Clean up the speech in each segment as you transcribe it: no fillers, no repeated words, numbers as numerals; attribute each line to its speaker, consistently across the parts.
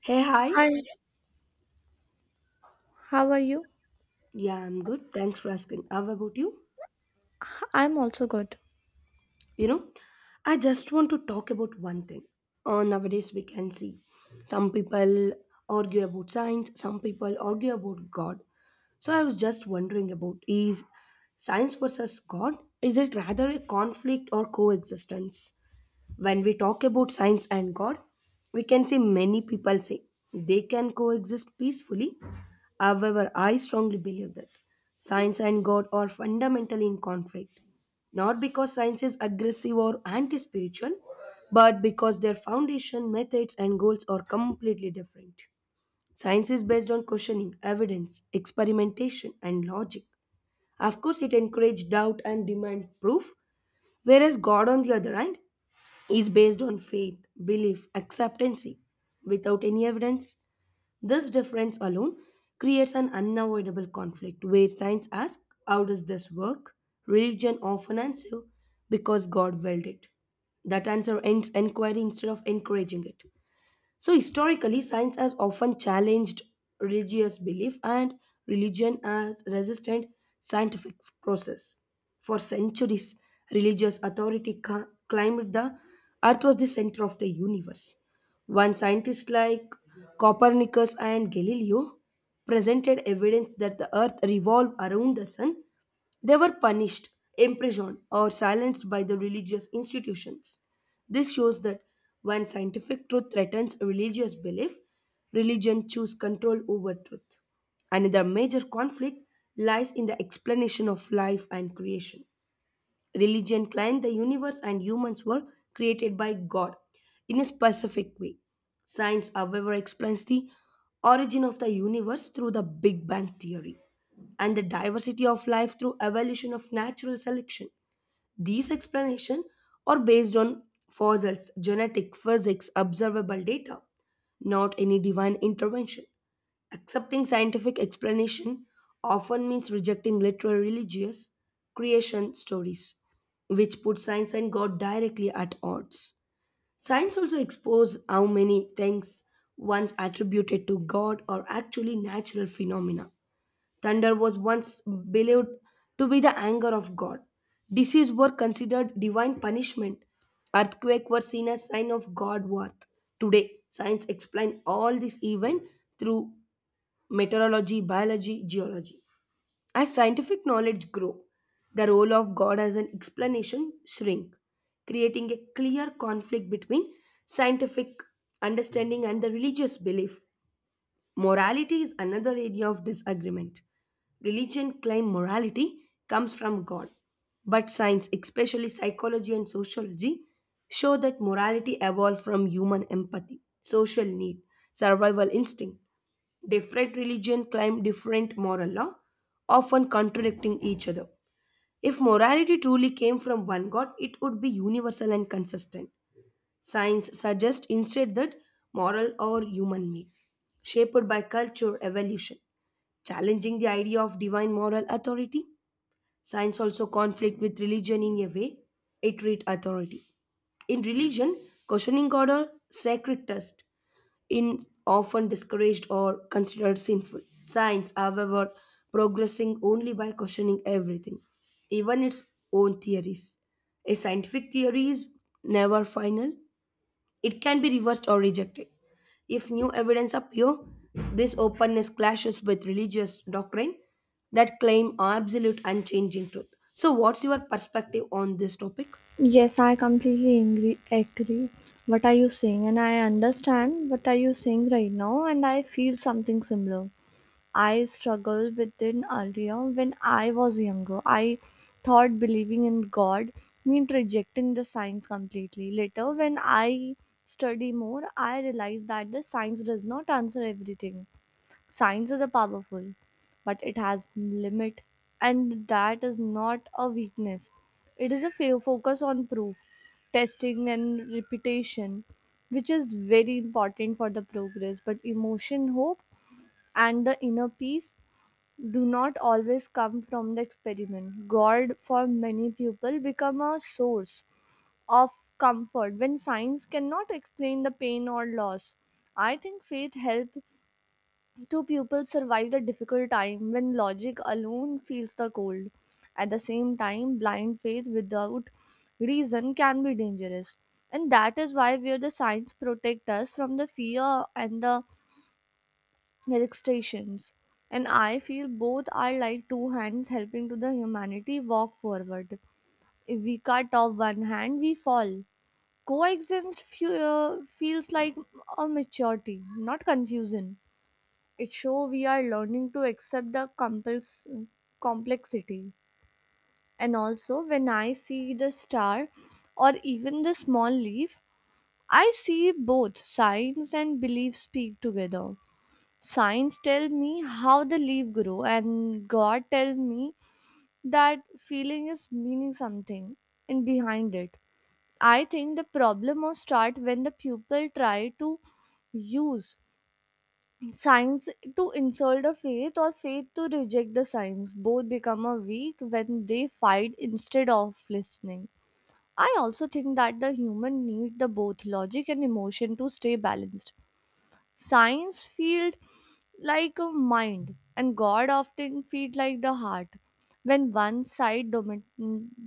Speaker 1: Hey, hi.
Speaker 2: Hi, how are you?
Speaker 1: Yeah, I'm good. Thanks for asking. How about you?
Speaker 2: I'm also good.
Speaker 1: You know, I just want to talk about one thing. Nowadays, we can see some people argue about science, some people argue about God. So I was just wondering about is science versus God? Is it rather a conflict or coexistence? When we talk about science and God, we can see many people say they can coexist peacefully. However, I strongly believe that science and God are fundamentally in conflict, not because science is aggressive or anti spiritual, but because their foundation, methods, and goals are completely different. Science is based on questioning, evidence, experimentation, and logic. Of course, it encourages doubt and demands proof, whereas God, on the other hand, is based on faith, belief, acceptancy, without any evidence. This difference alone creates an unavoidable conflict where science asks, how does this work? Religion often answers, because God willed it. That answer ends inquiry instead of encouraging it. So, historically, science has often challenged religious belief and religion as resistant scientific process. For centuries, religious authority claimed the earth was the center of the universe. One scientist like Copernicus and Galileo presented evidence that the earth revolved around the sun. They were punished, imprisoned, or silenced by the religious institutions. This shows that when scientific truth threatens religious belief, religion chooses control over truth. Another major conflict lies in the explanation of life and creation. Religion claimed the universe and humans were created by God in a specific way. Science, however, explains the origin of the universe through the Big Bang theory and the diversity of life through evolution of natural selection. These explanations are based on fossils, genetic physics, observable data, not any divine intervention. Accepting scientific explanation often means rejecting literal religious creation stories, which put science and God directly at odds. Science also exposes how many things once attributed to God are actually natural phenomena. Thunder was once believed to be the anger of God. Disease were considered divine punishment. Earthquake were seen as sign of God worth. Today, science explains all this event through meteorology, biology, geology. As scientific knowledge grow, the role of God as an explanation shrink, creating a clear conflict between scientific understanding and the religious belief. Morality is another area of disagreement. Religion claim morality comes from God, but science, especially psychology and sociology, show that morality evolved from human empathy, social need, survival instinct. Different religions claim different moral law, often contradicting each other. If morality truly came from one God, it would be universal and consistent. Science suggests instead that moral or human made, shaped by culture evolution, challenging the idea of divine moral authority. Science also conflict with religion in a way it treat authority. In religion, questioning God or sacred test in often discouraged or considered sinful. Science, however, progressing only by questioning everything, even its own theories. A scientific theory is never final, it can be reversed or rejected. If new evidence appear, this openness clashes with religious doctrine that claim absolute unchanging truth. So what's your perspective on this topic?
Speaker 2: Yes, I completely angry, agree. What are you saying? And I understand what are you saying right now, and I feel something similar. I struggled with it earlier when I was younger. I thought believing in God meant rejecting the science completely. Later, when I study more, I realized that the science does not answer everything. Science is a powerful, but it has limit, and that is not a weakness. It is a focus on proof, testing, and repetition, which is very important for the progress. But emotion, hope, and the inner peace do not always come from the experiment. God, for many people, become a source of comfort when science cannot explain the pain or loss. I think faith helps two pupils survive the difficult time when logic alone feels the cold. At the same time, blind faith without reason can be dangerous. And that is why where the signs protect us from the fear and the restrictions. And I feel both are like two hands helping to the humanity walk forward. If we cut off one hand, we fall. Feels like a maturity, not confusion. It show we are learning to accept the complexity. And also, when I see the star or even the small leaf, I see both science and belief speak together. Science tell me how the leaf grow, and God tell me that feeling is meaning something and behind it. I think the problem will start when the pupil try to use science to insult a faith, or faith to reject the science. Both become a weak when they fight instead of listening. I also think that the human need the both logic and emotion to stay balanced. Science field like a mind, and God often feed like the heart. When one side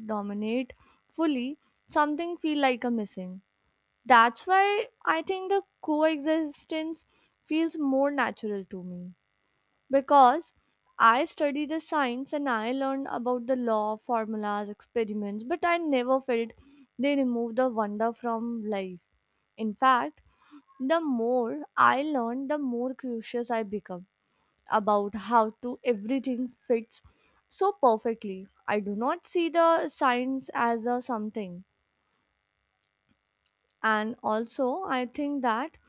Speaker 2: dominate fully, something feel like a missing. That's why I think the coexistence feels more natural to me, because I study the science and I learned about the law, formulas, experiments, but I never felt they remove the wonder from life. In fact, the more I learn, the more curious I become about how to everything fits so perfectly. I do not see the science as a something. And also, I think that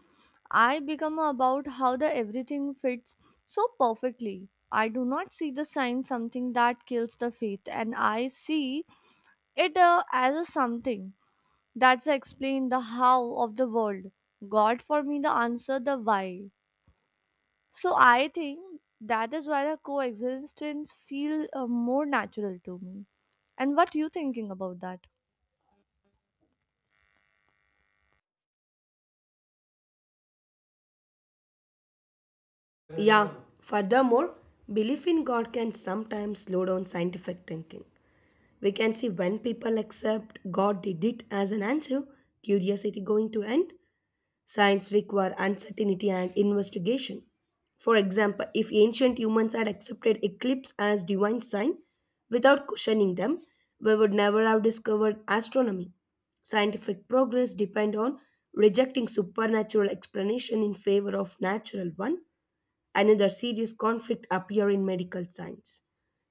Speaker 2: I become about how the everything fits so perfectly. I do not see the sign something that kills the faith, and I see it as a something that's explain the how of the world. God for me the answer the why. So I think that is why the coexistence feel more natural to me. And what you thinking about that?
Speaker 1: Yeah, furthermore, belief in God can sometimes slow down scientific thinking. We can see when people accept God did it as an answer, curiosity going to end. Science requires uncertainty and investigation. For example, if ancient humans had accepted eclipse as divine sign without questioning them, we would never have discovered astronomy. Scientific progress depend on rejecting supernatural explanation in favor of natural one. Another serious conflict appear in medical science.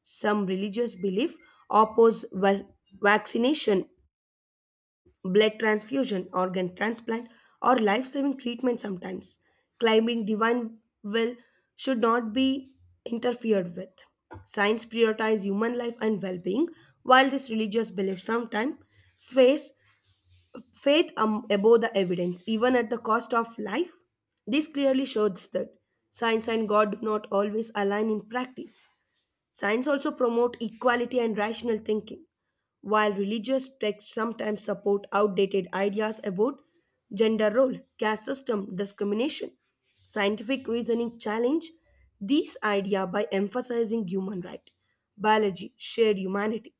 Speaker 1: Some religious belief oppose vaccination, blood transfusion, organ transplant, or life saving treatment sometimes. Climbing divine will should not be interfered with. Science prioritizes human life and well being, while this religious belief sometimes face faith above the evidence, even at the cost of life. This clearly shows that science and God do not always align in practice. Science also promote equality and rational thinking, while religious texts sometimes support outdated ideas about gender role, caste system, discrimination. Scientific reasoning challenge these ideas by emphasizing human right, biology, shared humanity.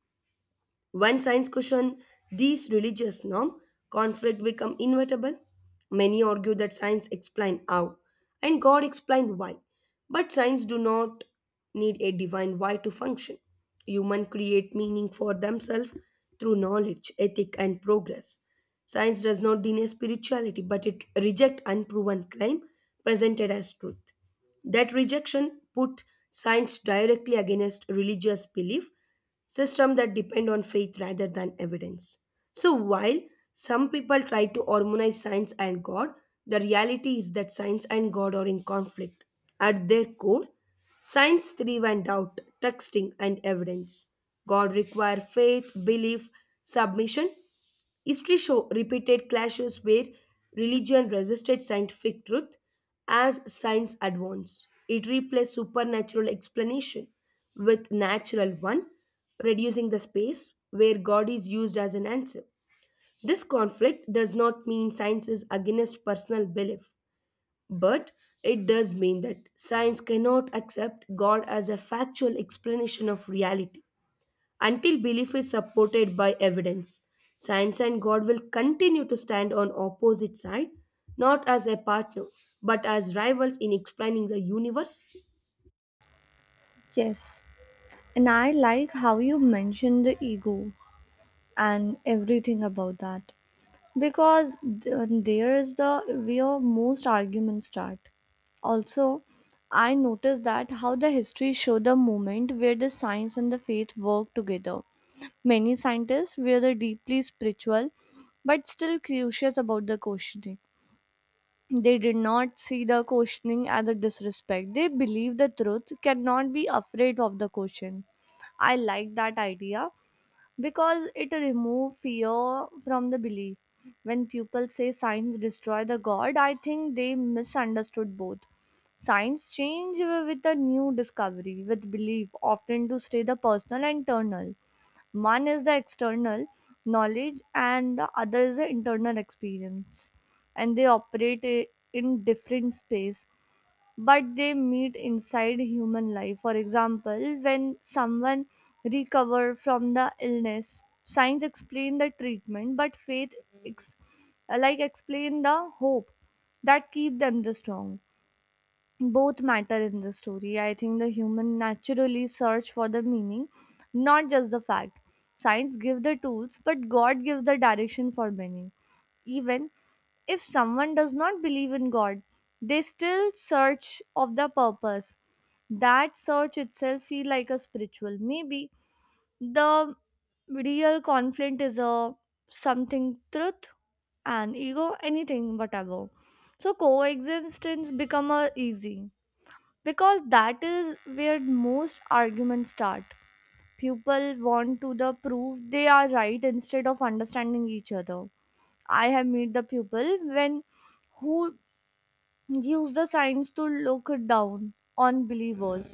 Speaker 1: When science question these religious norm, conflict become inevitable. Many argue that science explain how and God explain why. But science do not need a divine why to function. Human create meaning for themselves through knowledge, ethic and progress. Science does not deny spirituality but it reject unproven claim presented as truth. That rejection put science directly against religious belief systems that depend on faith rather than evidence. So while some people try to harmonize science and God, the reality is that science and God are in conflict. At their core, science thrives on doubt, texting and evidence. God requires faith, belief, submission. History show repeated clashes where religion resisted scientific truth. As science advanced, it replaced supernatural explanation with natural one, reducing the space where God is used as an answer. This conflict does not mean science is against personal belief, but it does mean that science cannot accept God as a factual explanation of reality. Until belief is supported by evidence, science and God will continue to stand on opposite side, not as a partner, but as rivals in explaining the universe.
Speaker 2: Yes, and I like how you mentioned the ego and everything about that, because there is the where most arguments start. Also, I noticed that how the history show the moment where the science and the faith work together. Many scientists were the deeply spiritual but still curious about the questioning. They did not see the questioning as a disrespect. They believe the truth cannot be afraid of the question. I like that idea because it removes fear from the belief. When people say science destroy the god, I think they misunderstood both. Science change with a new discovery, with belief, often to stay the personal and eternal. One is the external knowledge, and the other is the internal experience, and they operate in different space, but they meet inside human life. For example, when someone recover from the illness, science explain the treatment, but faith ex- like explain the hope that keep them the strong. Both matter in the story. I think the human naturally search for the meaning, not just the fact. Science give the tools, but God gives the direction for many. Even if someone does not believe in God, they still search of the purpose. That search itself feel like a spiritual. Maybe the real conflict is a something truth and ego anything whatever. So coexistence become a easy, because that is where most arguments start. People want to the prove they are right instead of understanding each other. I have met the people when who use the science to look down on believers,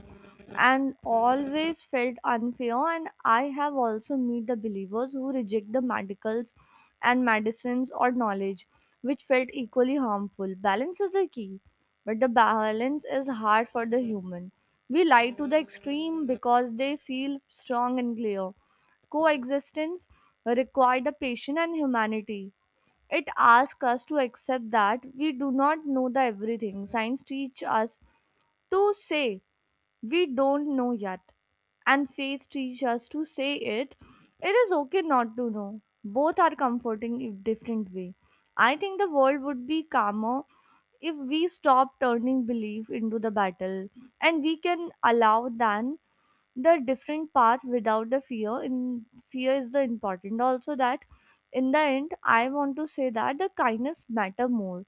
Speaker 2: and always felt unfair. And I have also met the believers who reject the medicals and medicines or knowledge, which felt equally harmful. Balance is the key, but the balance is hard for the human. We lie to the extreme because they feel strong and clear. Coexistence require the patience and humanity. It asks us to accept that we do not know the everything. Science teach us to say we don't know yet, and faith teach us to say it it is okay not to know. Both are comforting in different way. I think the world would be calmer if we stop turning belief into the battle, and we can allow then the different path without the fear in. Fear is the important also that. In the end, I want to say that the kindness matter more,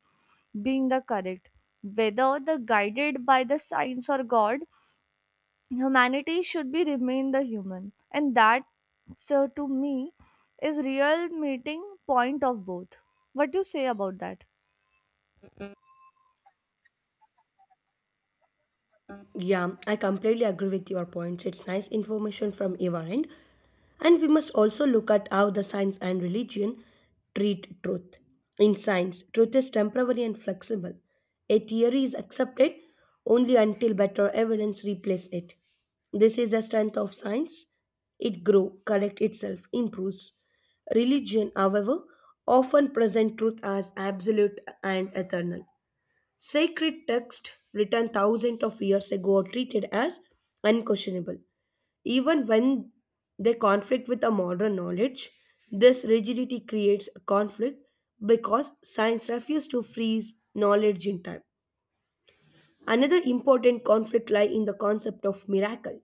Speaker 2: being the correct, whether the guided by the science or God. Humanity should be remain the human and that. So to me is real meeting point of both. What do you say about that?
Speaker 1: Yeah, I completely agree with your points. It's nice information from your end. And we must also look at how the science and religion treat truth. In science, truth is temporary and flexible. A theory is accepted only until better evidence replaces it. This is the strength of science. It grows, corrects itself, improves. Religion, however, often present truth as absolute and eternal. Sacred texts written thousands of years ago are treated as unquestionable. Even when they conflict with a modern knowledge, this rigidity creates a conflict because science refuses to freeze knowledge in time. Another important conflict lies in the concept of miracle.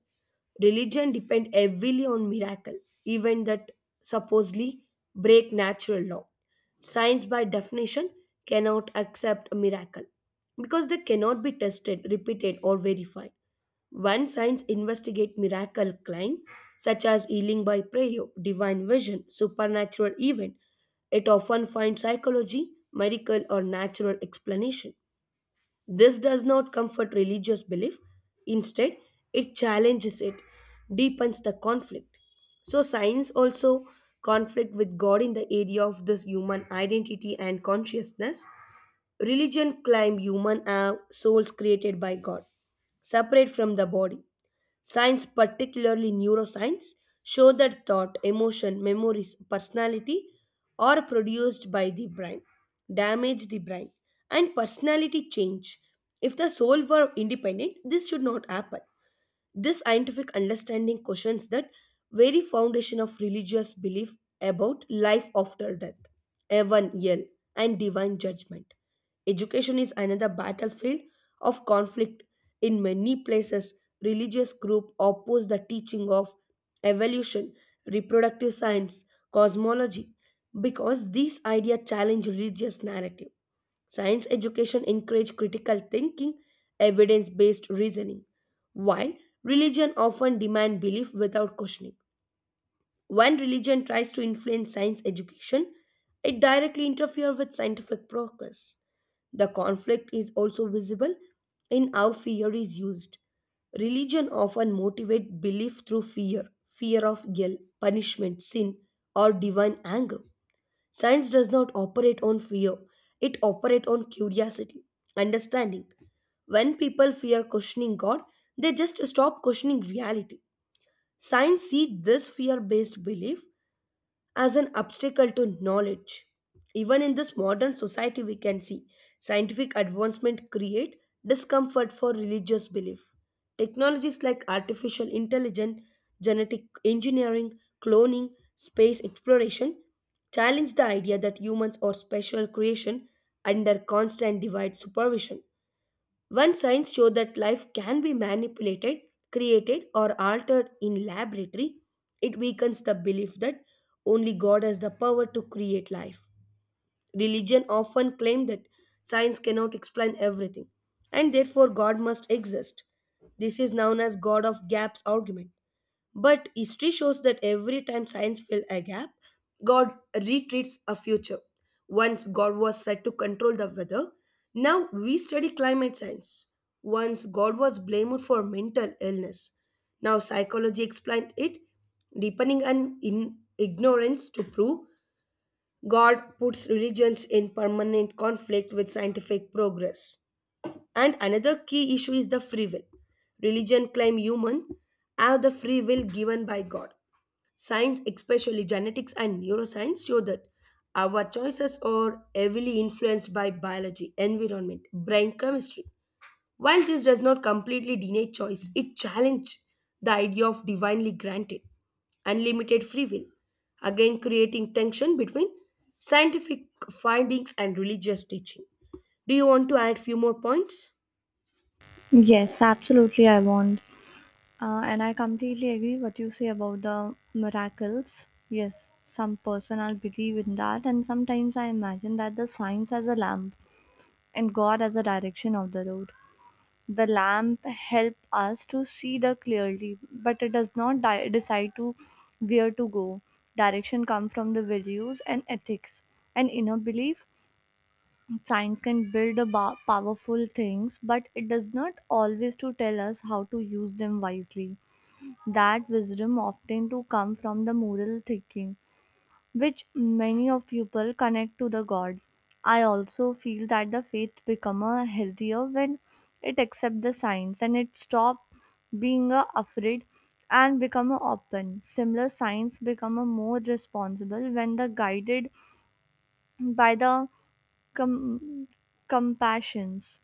Speaker 1: Religion depend heavily on miracle, even that supposedly break natural law. Science by definition cannot accept a miracle because they cannot be tested, repeated or verified. When science investigate miracle claim such as healing by prayer, divine vision, supernatural event, it often finds psychology, miracle, or natural explanation. This does not comfort religious belief, instead, it challenges it, deepens the conflict. So, science also conflict with God in the area of this human identity and consciousness. Religion claim human are souls created by God, separate from the body. Science, particularly neuroscience, show that thought, emotion, memories, personality are produced by the brain, damage the brain, and personality change. If the soul were independent, this should not happen. This scientific understanding questions that very foundation of religious belief about life after death, heaven, hell, and divine judgment. Education is another battlefield of conflict. In many places, religious groups oppose the teaching of evolution, reproductive science, cosmology, because these ideas challenge religious narrative. Science education encourages critical thinking, evidence-based reasoning, while religion often demands belief without questioning. When religion tries to influence science education, it directly interferes with scientific progress. The conflict is also visible in how fear is used. Religion often motivates belief through fear, fear of guilt, punishment, sin, or divine anger. Science does not operate on fear, it operates on curiosity, understanding. When people fear questioning God, they just stop questioning reality. Science sees this fear based belief as an obstacle to knowledge. Even in this modern society, we can see scientific advancement create discomfort for religious belief. Technologies like artificial intelligence, genetic engineering, cloning, space exploration challenge the idea that humans are special creation under constant divine supervision. One science showed that life can be manipulated, created, or altered in laboratory. It weakens the belief that only God has the power to create life. Religion often claims that science cannot explain everything, and therefore God must exist. This is known as God of Gaps argument. But history shows that every time science filled a gap, God retreats a future. Once God was said to control the weather, now we study climate science. Once God was blamed for mental illness, now psychology explained it, deepening an in ignorance to prove God puts religions in permanent conflict with scientific progress. And another key issue is the free will. Religion claim human have the free will given by God. Science, especially genetics and neuroscience, show that our choices are heavily influenced by biology, environment, brain chemistry. While this does not completely deny choice, it challenges the idea of divinely granted, unlimited free will, again creating tension between scientific findings and religious teaching. Do you want to add few more points?
Speaker 2: Yes, absolutely. And I completely agree what you say about the miracles. Yes, some person I'll believe in that, and sometimes I imagine that the signs as a lamp and God as a direction of the road. The lamp help us to see the clearly, but it does not decide to where to go. Direction come from the values and ethics and inner belief. Science can build a powerful things, but it does not always to tell us how to use them wisely. That wisdom often to come from the moral thinking, which many of people connect to the God. I also feel that the faith become a healthier when it accept the science and it stop being a afraid and become a open. Similar science become a more responsible when the guided by the com- compassions,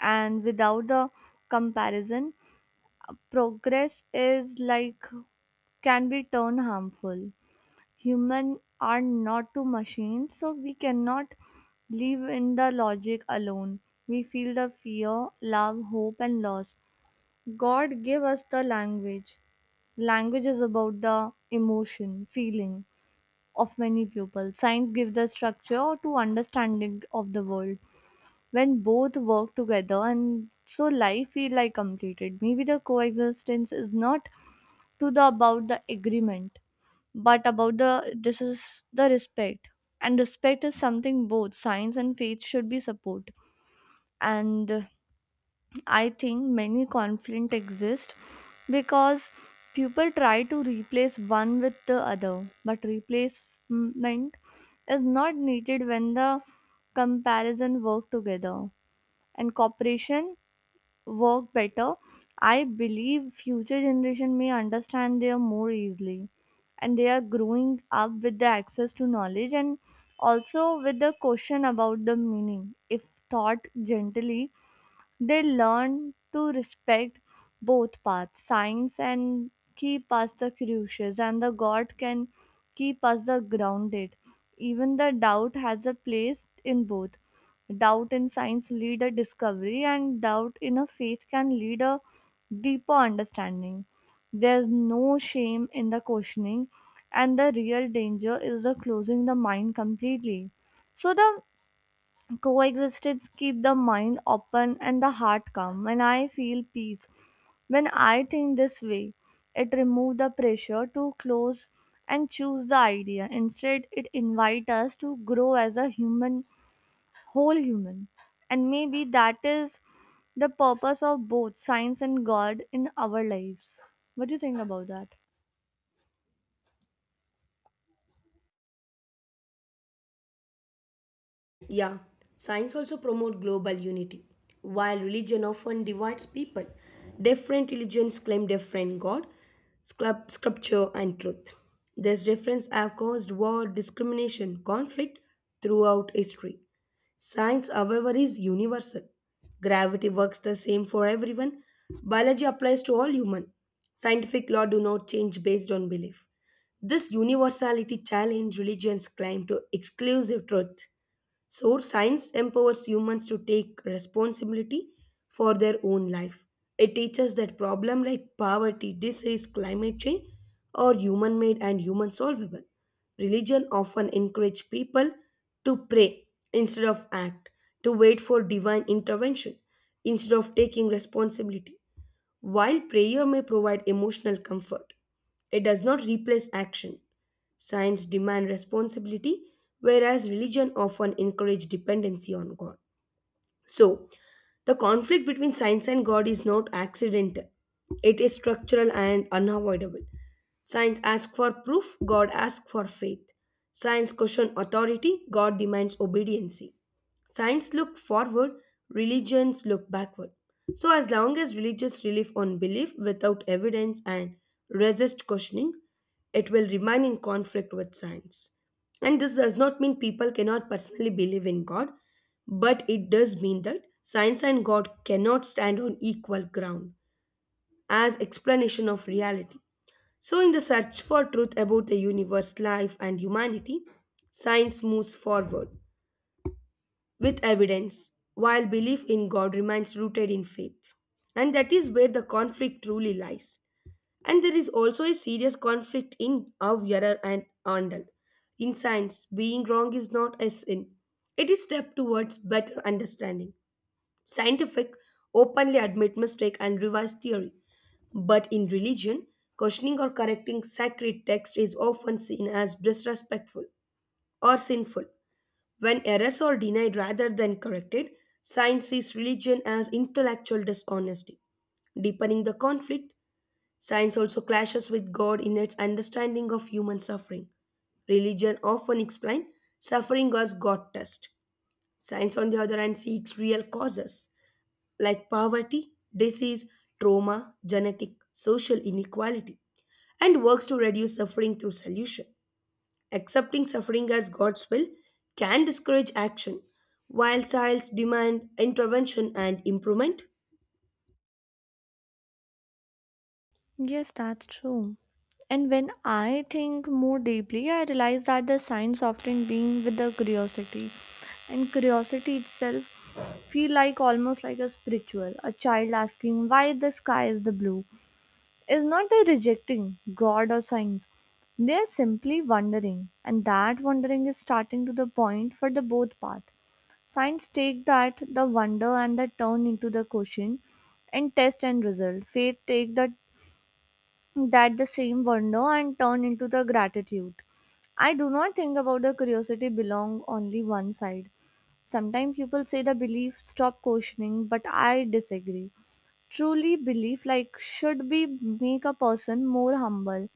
Speaker 2: and without the comparison progress is like can be turned harmful. Human are not to machines, so we cannot live in the logic alone. We feel the fear, love, hope, and loss. God gave us the language. Language is about the emotion feeling of many people. Science gives the structure to understanding of the world. When both work together, and so life feel like completed. Maybe the coexistence is not to the about the agreement, but about the this is the respect. And respect is something both science and faith should be support. And I think many conflict exist because people try to replace one with the other, but replacement is not needed when the comparison work together, and cooperation work better. I believe future generation may understand their more easily, and they are growing up with the access to knowledge, and also with the question about the meaning. If taught gently, they learn to respect both paths. Science and keep us the curious, and the God can keep us the grounded. Even the doubt has a place in both. Doubt in science lead a discovery, and doubt in a faith can lead a deeper understanding. There's no shame in the questioning, and the real danger is the closing the mind completely. So the coexistence keep the mind open and the heart calm, and I feel peace when I think this way. It remove the pressure to close and choose the idea. Instead, it invite us to grow as a human, whole human. And maybe that is the purpose of both science and God in our lives. What do you think about that?
Speaker 1: Yeah, science also promotes global unity. While religion often divides people, different religions claim different God, scripture, and truth. These differences have caused war, discrimination, conflict throughout history. Science, however, is universal. Gravity works the same for everyone. Biology applies to all human. Scientific law do not change based on belief. This universality challenge religion's claim to exclusive truth. So, science empowers humans to take responsibility for their own life. It teaches that problems like poverty, disease, climate change are human made and human solvable. Religion often encourages people to pray instead of act, to wait for divine intervention instead of taking responsibility. While prayer may provide emotional comfort, it does not replace action. Science demand responsibility, whereas religion often encourage dependency on God. So, the conflict between science and God is not accidental, it is structural and unavoidable. Science asks for proof, God asks for faith. Science questions authority, God demands obedience. Science look forward, religions look backward. So as long as religious relief on belief without evidence and resist questioning, it will remain in conflict with science. And this does not mean people cannot personally believe in God. But it does mean that science and God cannot stand on equal ground as explanation of reality. So, in the search for truth about the universe, life, and humanity, science moves forward with evidence, while belief in God remains rooted in faith. And that is where the conflict truly lies. And there is also a serious conflict in of error and Arnold. In science, being wrong is not a sin, it is step towards better understanding. Scientific openly admit mistake and revise theory, but in religion, questioning or correcting sacred text is often seen as disrespectful or sinful. When errors are denied rather than corrected, science sees religion as intellectual dishonesty. Deepening the conflict, science also clashes with God in its understanding of human suffering. Religion often explains suffering as God test. Science, on the other hand, seeks real causes like poverty, disease, trauma, genetic, social inequality, and works to reduce suffering through solution. Accepting suffering as God's will can discourage action, while science demand intervention and improvement.
Speaker 2: Yes, that's true. And when I think more deeply, I realize that the science often being with the curiosity. And curiosity itself feel like almost like a spiritual. A child asking why the sky is the blue is not they rejecting God or science. They are simply wondering. And that wondering is starting to the point for the both path. Science take that the wonder and the turn into the question and test and result. Faith take the that the same wonder and turn into the gratitude. I do not think about the curiosity belong only one side. Sometimes people say the belief stop questioning, but I disagree. Truly belief like should be make a person more humble,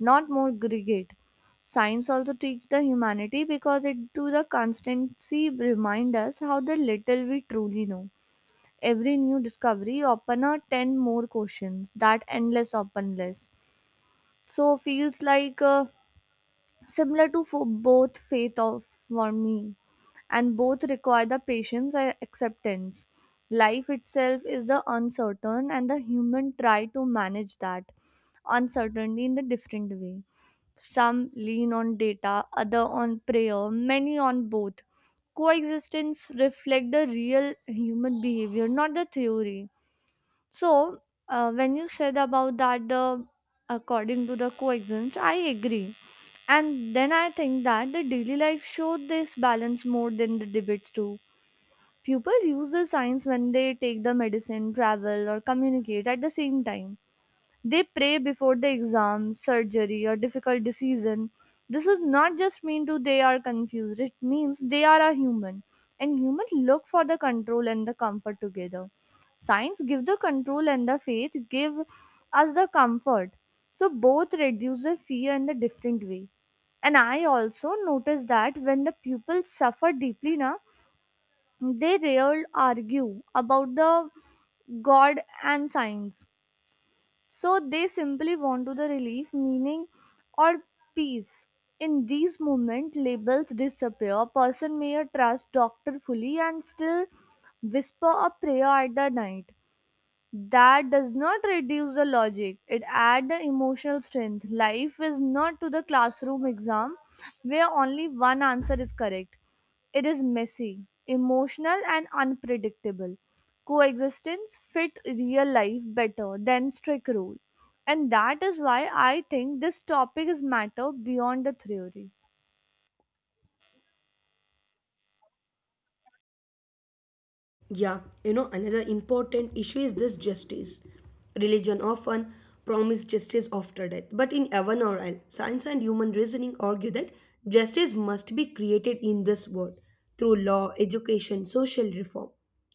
Speaker 2: not more greedy. Science also teach the humanity because it do the constancy remind us how the little we truly know. Every new discovery open a 10 more questions, that endless open list. So feels like Similar to for both faith of for me, and both require the patience and acceptance. Life itself is the uncertain, and the human try to manage that uncertainty in the different way. Some lean on data, other on prayer, many on both. Coexistence reflect the real human behavior, not the theory. So when you said about that the according to the coexistence, I agree. And then I think that the daily life showed this balance more than the debates do. People use the science when they take the medicine, travel, or communicate. At the same time, they pray before the exam, surgery, or difficult decision. This is not just mean to they are confused. It means they are a human, and humans look for the control and the comfort together. Science give the control and the faith give us the comfort. So both reduce the fear in the different way. And I also noticed that when the pupils suffer deeply, na, they rarely argue about the God and science, so they simply want to the relief, meaning, or peace. In these moments, labels disappear. A person may trust doctor fully and still whisper a prayer at the night. That does not reduce the logic, it adds the emotional strength. Life is not to the classroom exam where only one answer is correct. It is messy, emotional, and unpredictable. Coexistence fit real life better than strict rule. And that is why I think this topic is matter beyond the theory.
Speaker 1: Yeah, another important issue is this justice. Religion often promises justice after death, but in heaven or hell, science and human reasoning argue that justice must be created in this world through law, education, social reform.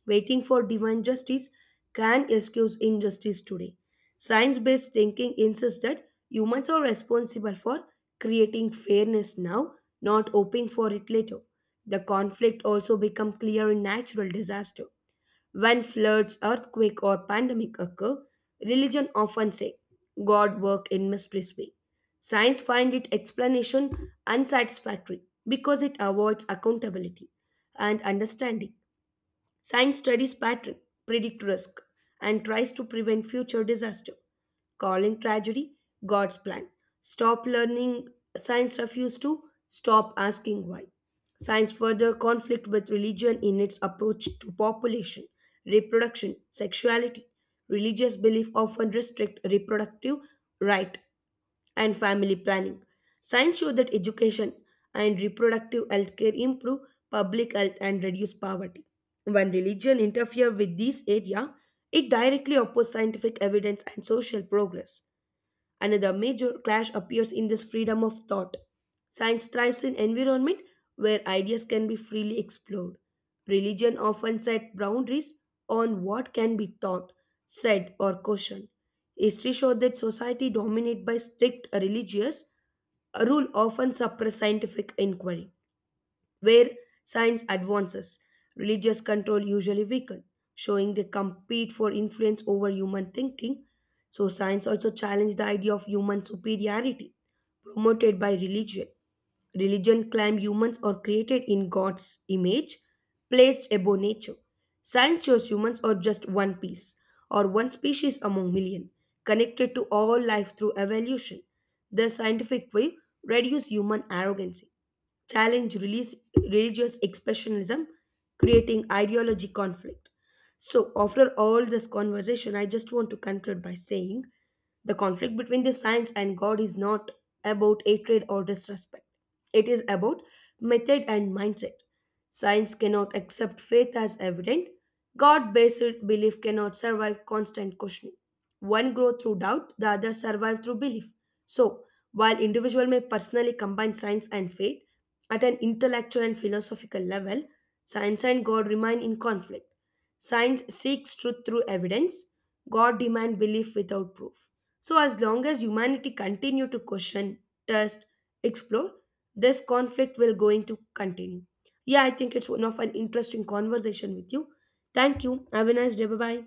Speaker 1: Waiting for divine justice can excuse injustice today. Science based thinking insists that humans are responsible for creating fairness now, not hoping for it later. The conflict also become clear in natural disaster. When floods, earthquake or pandemic occur, religion often say God work in mysterious way. Science find its explanation unsatisfactory because it avoids accountability and understanding. Science studies pattern, predict risk, and tries to prevent future disaster, calling tragedy God's plan. Stop learning, science refuses to, stop asking why. Science further conflict with religion in its approach to population, reproduction, sexuality. Religious belief often restrict reproductive right and family planning. Science shows that education and reproductive health care improve public health and reduce poverty. When religion interferes with this area, it directly opposes scientific evidence and social progress. Another major clash appears in this freedom of thought. Science thrives in environment where ideas can be freely explored. Religion often set boundaries on what can be thought, said, or questioned. History showed that society dominated by strict religious rule often suppress scientific inquiry where science advances, religious control usually weaken, showing they compete for influence over human thinking. So science also challenged the idea of human superiority promoted by religion. Religion claimed humans are created in God's image, placed above nature. Science shows humans are just one piece, or one species among million, connected to all life through evolution. The scientific way reduces human arrogance, challenge release, religious expressionism, creating ideology conflict. So, after all this conversation, I just want to conclude by saying the conflict between the science and God is not about hatred or disrespect. It is about method and mindset. Science cannot accept faith as evident. God based belief cannot survive constant questioning. One grows through doubt, the other survives through belief. So, while individual may personally combine science and faith, at an intellectual and philosophical level, science and God remain in conflict. Science seeks truth through evidence, God demands belief without proof. So, as long as humanity continue to question, test, explore, this conflict will going to continue. Yeah, I think it's one of an interesting conversation with you. Thank you. Have a nice day. Bye bye.